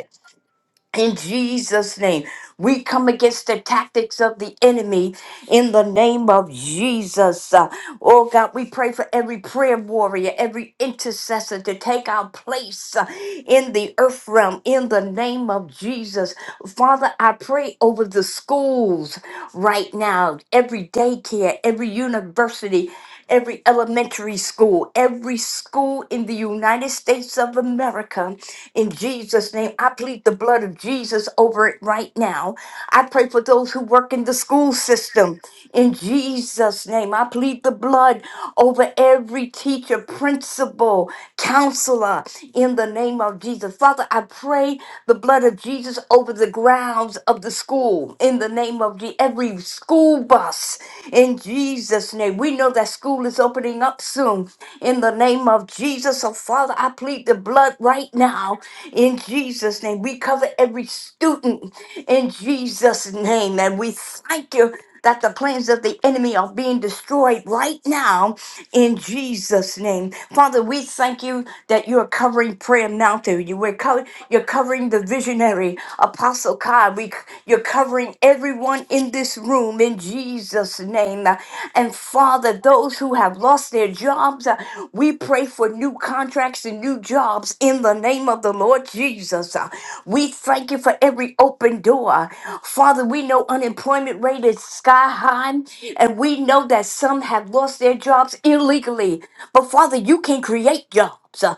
S7: In Jesus' name, we come against the tactics of the enemy in the name of Jesus. Uh, oh God, we pray for every prayer warrior, every intercessor to take our place uh, in the earth realm in the name of Jesus. Father, I pray over the schools right now, every daycare, every university every elementary school, every school in the United States of America. In Jesus' name, I plead the blood of Jesus over it right now. I pray for those who work in the school system. In Jesus' name, I plead the blood over every teacher, principal, counselor, in the name of Jesus. Father, I pray the blood of Jesus over the grounds of the school, in the name of Je- every school bus in Jesus' name. We know that school is opening up soon. In the name of Jesus, oh Father, I plead the blood right now. In Jesus' name, we cover every student in Jesus' name. And we thank you that the plans of the enemy are being destroyed right now in Jesus' name. Father, we thank you that you're covering Prayer Mountain. You, we're co- you're covering the visionary, Apostle Kai. We, you're covering every everyone in this room in Jesus' name. Uh, And Father, those who have lost their jobs, uh, we pray for new contracts and new jobs in the name of the Lord Jesus. Uh, We thank you for every open door. Father, we know unemployment rate is sky high, and we know that some have lost their jobs illegally. But Father, you can create jobs. Uh,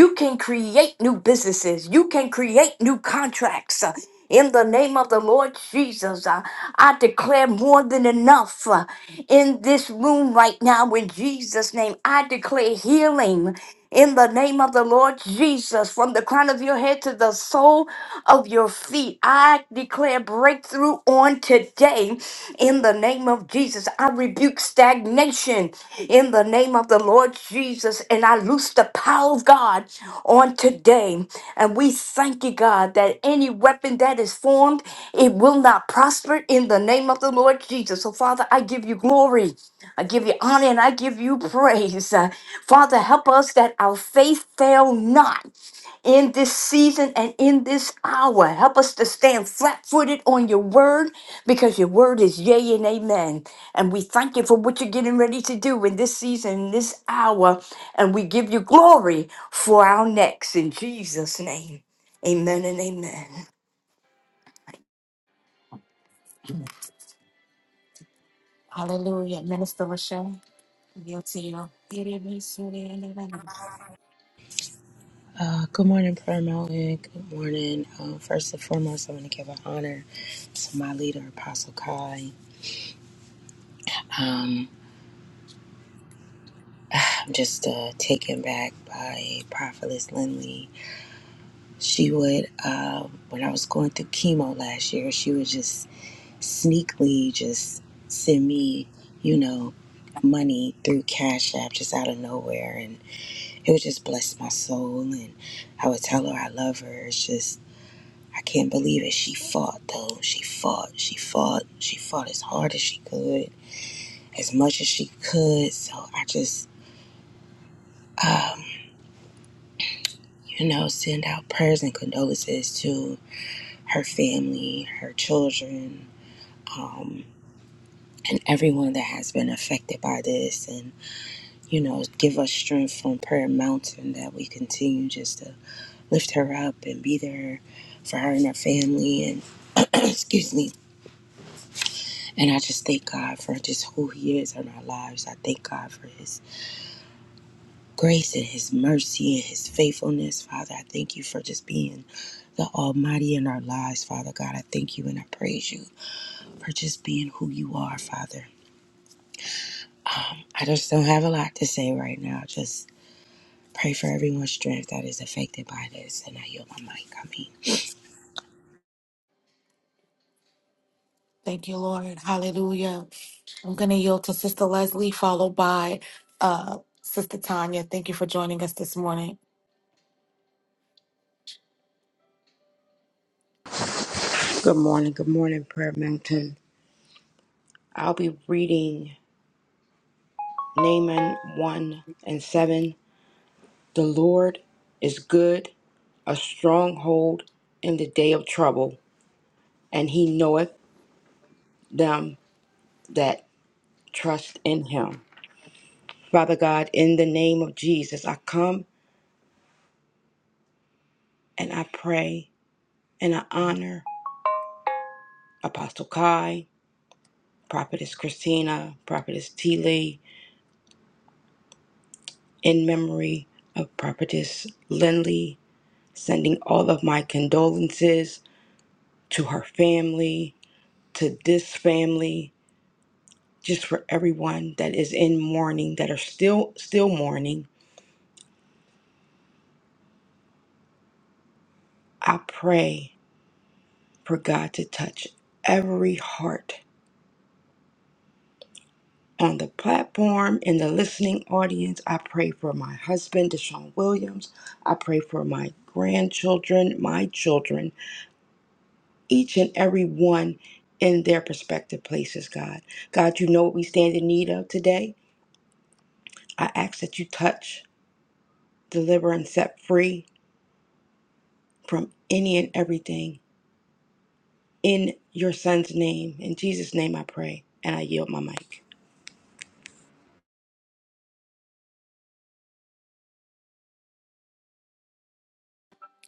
S7: You can create new businesses. You can create new contracts. In the name of the Lord Jesus, uh, I declare more than enough uh, in this room right now in Jesus' name. I declare healing in the name of the Lord Jesus, from the crown of your head to the sole of your feet. I declare breakthrough on today in the name of Jesus. I rebuke stagnation in the name of the Lord Jesus, and I loose the power of God on today. And we thank you, God, that any weapon that is formed, it will not prosper in the name of the Lord Jesus. So, Father, I give you glory. I give you honor and I give you praise. Uh, Father, help us that our faith fail not in this season and in this hour. Help us to stand flat footed on your word because your word is yea and amen. And we thank you for what you're getting ready to do in this season, in this hour. And we give you glory for our next in Jesus' name. Amen and amen.
S1: Hallelujah. Minister Lachey, I yield to you.
S8: Uh, good morning, Prayer Mountain. Good morning. Um, first and foremost, I want to give an honor to my leader, Apostle Kai. Um, I'm just uh, taken back by Prophetess Lindley. She would, uh, when I was going through chemo last year, she would just sneakily just send me, you know, money through Cash App just out of nowhere. And it would just bless my soul. And I would tell her I love her. It's just, I can't believe it. She fought though. She fought. She fought. She fought as hard as she could, as much as she could. So I just, you know, send out prayers and condolences to her family, her children, um, and everyone that has been affected by this. And, you know, give us strength from Prayer Mountain that we continue just to lift her up and be there for her and her family and excuse me And I just thank God for just who He is in our lives. I thank God for His grace and His mercy and His faithfulness. Father, I thank you for just being the Almighty in our lives, Father God. I thank you and I praise you for just being who you are, Father. Um, I just don't have a lot to say right now. Just pray for everyone's strength that is affected by this. And I yield my mic. I mean.
S1: Thank you, Lord. Hallelujah. I'm going to yield to Sister Leslie, followed by uh, Sister Tanya. Thank you for joining us this morning.
S9: Good morning, good morning, Prayer Mountain. I'll be reading Naaman 1 and 7. The Lord is good, a stronghold in the day of trouble, and he knoweth them that trust in him. Father God, in the name of Jesus, I come and I pray and I honor Apostle Kai, Prophetess Christina, Prophetess T. Lee, in memory of Prophetess Lindley sending all of my condolences to her family, to this family, just for everyone that is in mourning, that are still still mourning. I pray for God to touch every heart on the platform in the listening audience. I pray for my husband, Deshaun Williams. I pray for my grandchildren, my children, each and every one in their prospective places, God. God, you know what we stand in need of today. I ask that you touch, deliver, and set free from any and everything in your son's name. In Jesus' name I pray, and I yield my mic.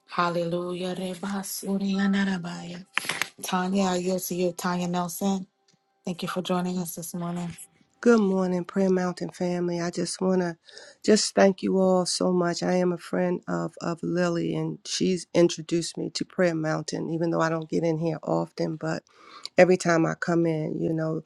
S1: Hallelujah. Reba Surya Narabaya. Tanya, I yield to you, Tanya Nelson. Thank you for joining us this morning.
S10: Good morning, Prayer Mountain family. I just want to just thank you all so much. I am a friend of, of Lily, and she's introduced me to Prayer Mountain, even though I don't get in here often. But every time I come in, you know,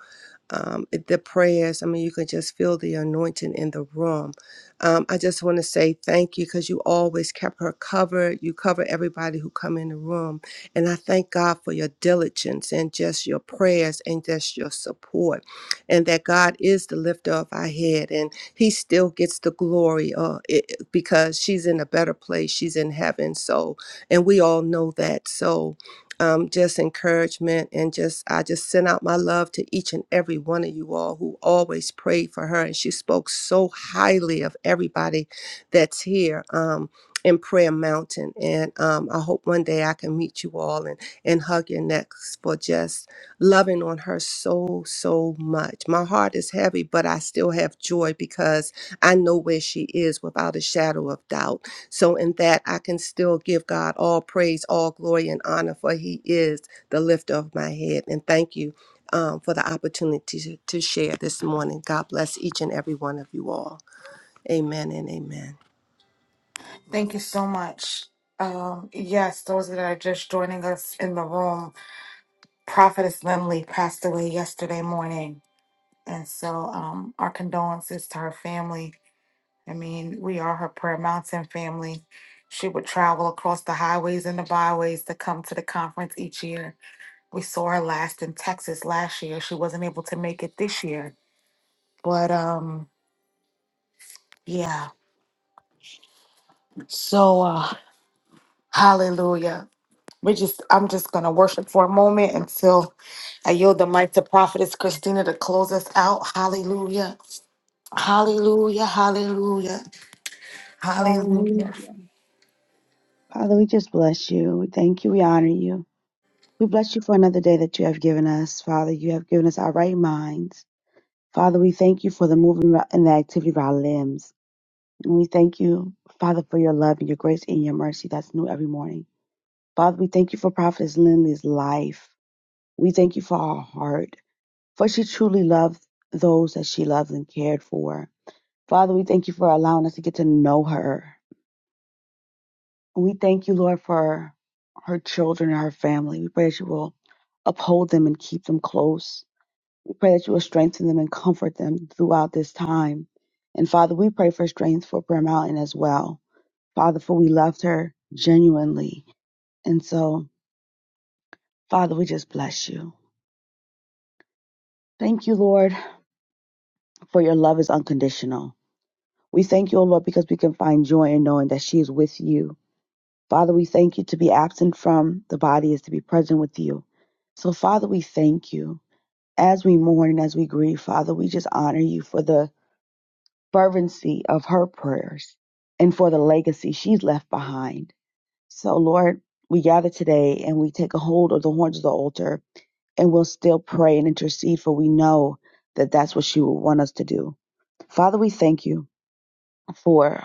S10: um, the prayers. I mean, you can just feel the anointing in the room. Um, I just want to say thank you because you always kept her covered. You cover everybody who come in the room, and I thank God for your diligence and just your prayers and just your support, and that God is the lifter of our head, and He still gets the glory uh, it, because she's in a better place. She's in heaven, so and we all know that. So um, just encouragement and just I just sent out my love to each and every one of you all who always prayed for her and she spoke so highly of everybody that's here um, in Prayer Mountain and um, I hope one day I can meet you all and and hug your necks for just loving on her so so much. My heart is heavy, but I still have joy because I know where she is without a shadow of doubt so, in that, I can still give God all praise, all glory, and honor, for He is the lifter of my head. And thank you um, for the opportunity to, to share this morning. God bless each and every one of you all. Amen and amen.
S1: Thank you so much. Um, yes, those that are just joining us in the room, Prophetess Lindley passed away yesterday morning. And so um, our condolences to her family. I mean, we are her Prayer Mountain family. She would travel across the highways and the byways to come to the conference each year. We saw her last in Texas last year. She wasn't able to make it this year. But um yeah. So uh hallelujah. We just I'm just gonna worship for a moment until I yield the mic to Prophetess Christina to close us out. Hallelujah. Hallelujah. Hallelujah. Hallelujah.
S2: Hallelujah. Father, we just bless you. We thank you. We honor you. We bless you for another day that you have given us. Father, you have given us our right minds. Father, we thank you for the movement and the activity of our limbs. And we thank you, Father, for your love and your grace and your mercy that's new every morning. Father, we thank you for Prophetess Lindley's life. We thank you for her heart, for she truly loved those that she loved and cared for. Father, we thank you for allowing us to get to know her. We thank you, Lord, for her children and her family. We pray that you will uphold them and keep them close. We pray that you will strengthen them and comfort them throughout this time. And Father, we pray for strength for Prayer Mountain as well. Father, for we loved her genuinely. And so, Father, we just bless you. Thank you, Lord, for your love is unconditional. We thank you, O Lord, because we can find joy in knowing that she is with you Father, we thank you to be absent from the body is to be present with you. So, Father, we thank you. As we mourn and as we grieve, Father, we just honor you for the fervency of her prayers and for the legacy she's left behind. So, Lord, we gather today and we take a hold of the horns of the altar and we'll still pray and intercede, for we know that that's what she will want us to do. Father, we thank you for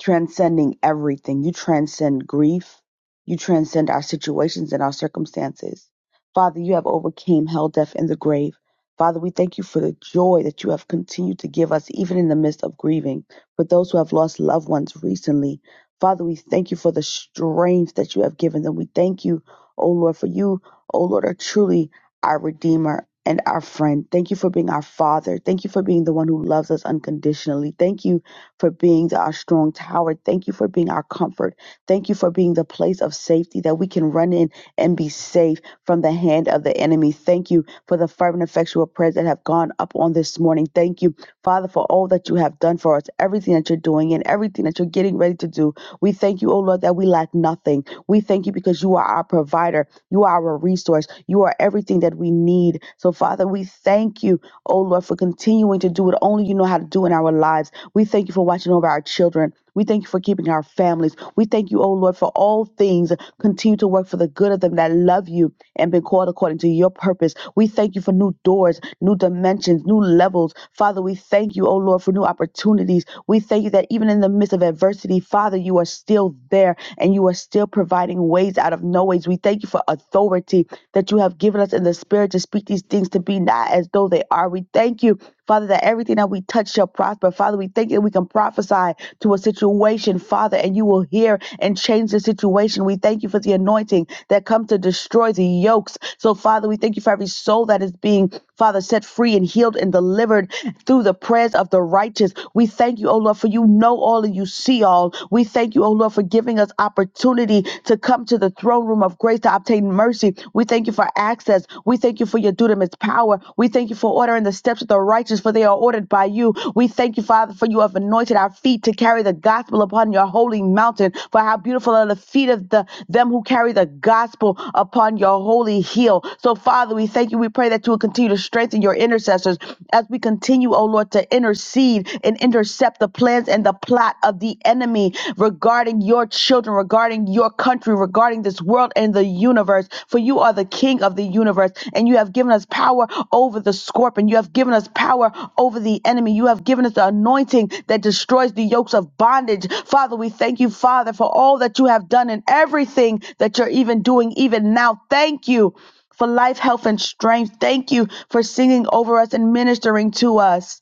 S2: transcending everything. You transcend grief. You transcend our situations and our circumstances. Father, you have overcame hell, death, and the grave. Father, we thank you for the joy that you have continued to give us, even in the midst of grieving. For those who have lost loved ones recently, Father, we thank you for the strength that you have given them. We thank you, O Lord, for you, O Lord, are truly our Redeemer and our friend. Thank you for being our Father. Thank you for being the one who loves us unconditionally. Thank you for being our strong tower. Thank you for being our comfort. Thank you for being the place of safety that we can run in and be safe from the hand of the enemy. Thank you for the fervent, effectual prayers that have gone up on this morning. Thank you, Father, for all that you have done for us, everything that you're doing and everything that you're getting ready to do. We thank you, oh Lord, that we lack nothing. We thank you because you are our provider, you are our resource, you are everything that we need. So, Father, we thank you, oh Lord, for continuing to do what only you know how to do in our lives. We thank you for watching over our children. We thank you for keeping our families families. We thank you, O Lord, for all things. Continue to work for the good of them that love you and been called according to your purpose. We thank you for new doors, new dimensions, new levels. Father, we thank you, O Lord, for new opportunities. We thank you that even in the midst of adversity, Father, you are still there and you are still providing ways out of no ways. We thank you for authority that you have given us in the spirit to speak these things to be not as though they are. We thank you Father, that everything that we touch shall prosper. Father, we thank you that we can prophesy to a situation, Father, and you will hear and change the situation. We thank you for the anointing that comes to destroy the yokes. So, Father, we thank you for every soul that is being, Father, set free and healed and delivered through the prayers of the righteous. We thank you, O Lord, for you know all and you see all. We thank you, O Lord, for giving us opportunity to come to the throne room of grace to obtain mercy. We. We thank you for access. We thank you for your dunamis power. We thank you for ordering the steps of the righteous, for they are ordered by you. We thank you, Father, for you have anointed our feet to carry the gospel upon your holy mountain. For how beautiful are the feet of the them who carry the gospel upon your holy hill. So, Father, we thank you. We pray that you will continue to strengthen your intercessors as we continue, O Lord, to intercede and intercept the plans and the plot of the enemy regarding regarding your children, regarding your country, regarding this world and the universe. For you are the king of the universe, and you have given us power over the scorpion. You have given us power over the enemy. You have given us the anointing that destroys the yokes of bondage. Father, we thank you, Father, for all that you have done and everything that you're even doing, even now. Thank you for life, health, and strength. Thank you for singing over us and ministering to us.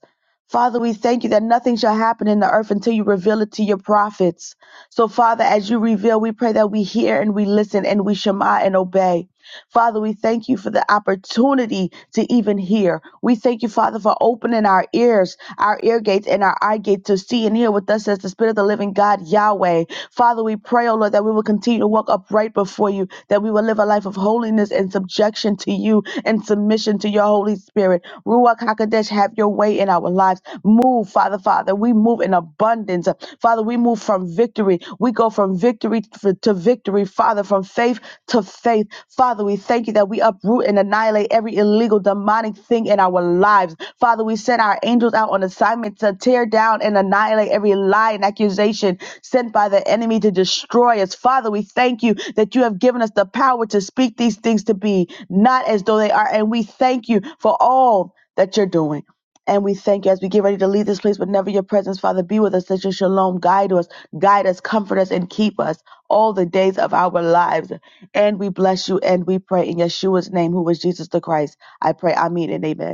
S2: Father, we thank you that nothing shall happen in the earth until you reveal it to your prophets. So, Father, as you reveal, we pray that we hear and we listen and we shema and obey. Father, we thank you for the opportunity to even hear. We thank you, Father, for opening our ears, our ear gates, and our eye gates to see and hear what thus says the Spirit of the living God, Yahweh. Father, we pray, oh Lord, that we will continue to walk upright before you before you, that we will live a life of holiness and subjection to you and submission to your Holy Spirit. Ruach HaKodesh, have your way in our lives. Move, Father, Father. We move in abundance. Father, we move from victory. We go from victory to to victory, Father, from faith to faith. Father, we thank you that we uproot and annihilate every illegal, demonic thing in our lives. Father, we send our angels out on out on assignment to tear down and annihilate every lie and accusation sent by the enemy to destroy us. Father, we thank you that you have given us the power to speak these things to be not as though they are. And we thank you for all that you're doing. And we thank you as we get ready to leave this place, but never your presence, Father, be with us. Let your shalom guide us, guide us, comfort us, and keep us all the days of our lives. And we bless you and we pray in Yeshua's name, who was Jesus the Christ. I pray, I mean, and amen.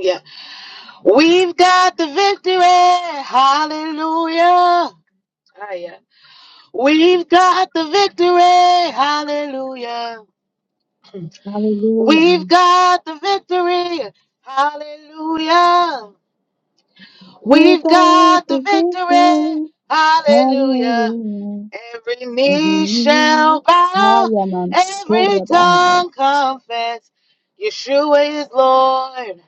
S1: Yeah, we, we, we've
S2: Hallelujah.
S1: got you.
S2: We
S1: We've
S2: got
S1: got
S2: the
S1: the victory.
S2: victory.
S1: Hallelujah.
S2: Hallelujah.
S1: Every
S2: Every
S1: knee shall
S2: knee. I
S1: bow,
S2: am on
S1: every
S2: Surabahai.
S1: tongue confess. Yeshua is Lord.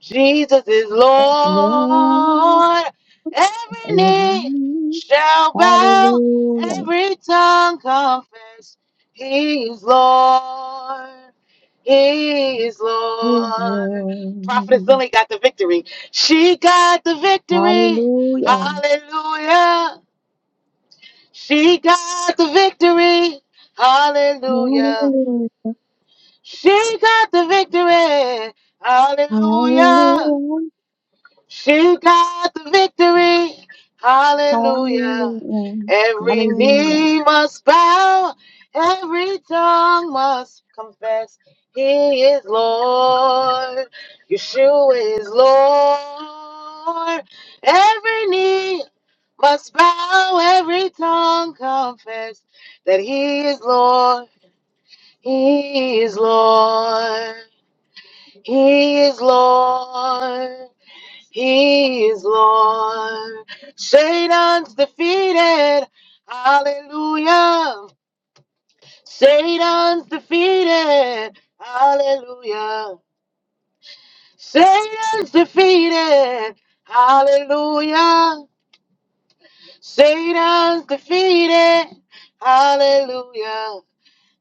S1: Jesus is
S2: There's Lord.
S1: Lord. Every
S2: Every
S1: knee
S2: knee.
S1: shall bow,
S2: Hallelujah.
S1: every tongue confess. He is Lord. He is
S2: Is
S1: Lord. Prophetess
S2: Lord.
S1: Lily got the victory. She got the victory.
S2: Hallelujah.
S1: Hallelujah. She got the victory. Hallelujah.
S2: Hallelujah.
S1: She got the victory. Hallelujah.
S2: Hallelujah.
S1: She got the victory. Hallelujah.
S2: Hallelujah.
S1: Every
S2: Hallelujah.
S1: knee must bow, every tongue must confess. He is Lord. Yeshua is Lord. Every knee must bow, every tongue confess that He is Lord. He is Lord. He is Lord. He is Lord. Satan's defeated. Hallelujah. Satan's defeated. Hallelujah. Satan's defeated. Hallelujah. Satan's defeated. Hallelujah.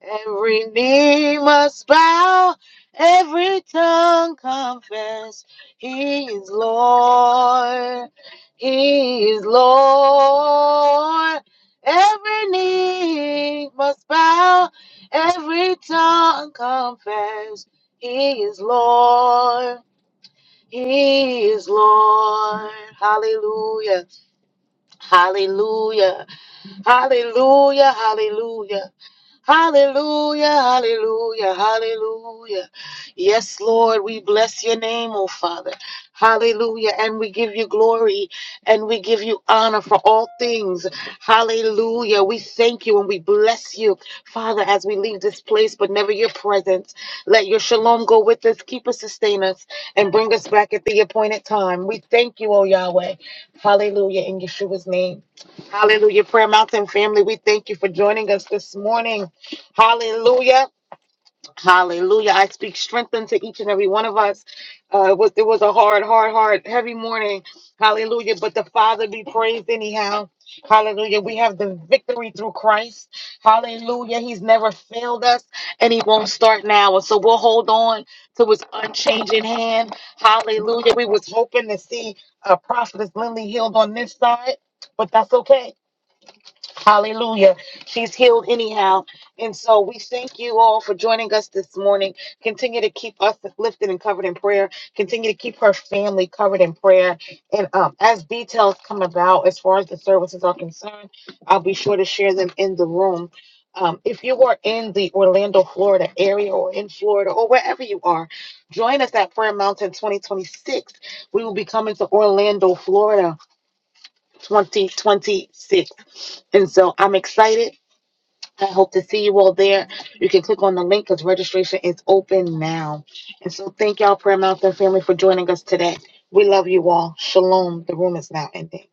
S1: Every knee must bow, every tongue confess, He is Lord, He is Lord. Every knee must bow, every tongue confess, He is Lord, He is Lord. Hallelujah, hallelujah, hallelujah, hallelujah. Hallelujah, hallelujah, hallelujah. Yes, Lord, we bless your name, oh Father. Hallelujah. And we give you glory and we give you honor for all things. Hallelujah. We thank you and we bless you, Father, as we leave this place, but never your presence. Let your shalom go with us, keep us, sustain us, and bring us back at the appointed time. We thank you, oh Yahweh. Hallelujah. In Yeshua's name. Hallelujah. Prayer Mountain family, we thank you for joining us this morning. Hallelujah. Hallelujah. I speak strength into each and every one of us. Uh, it, was, it was a hard, hard, hard, heavy morning. Hallelujah. But the Father be praised anyhow. Hallelujah. We have the victory through Christ. Hallelujah. He's never failed us and he won't start now. And so we'll hold on to his unchanging hand. Hallelujah. We was hoping to see uh, Prophetess Lindley healed on this side, but that's okay Hallelujah. She's healed anyhow. And so we thank you all for joining us this morning. Continue to keep us lifted and covered in prayer. Continue to keep her family covered in prayer. And um, as details come about, as far as the services are concerned, I'll be sure to share them in the room. Um, if you are in the Orlando, Florida area or in Florida or wherever you are, join us at Prayer Mountain 2026. We will become Florida 2026. And so I'm excited. I hope to see you all there. You can click on the link because registration is open now. And so thank y'all, Prayer Mountain family, for joining us today. We love you all. Shalom. The room is now ending.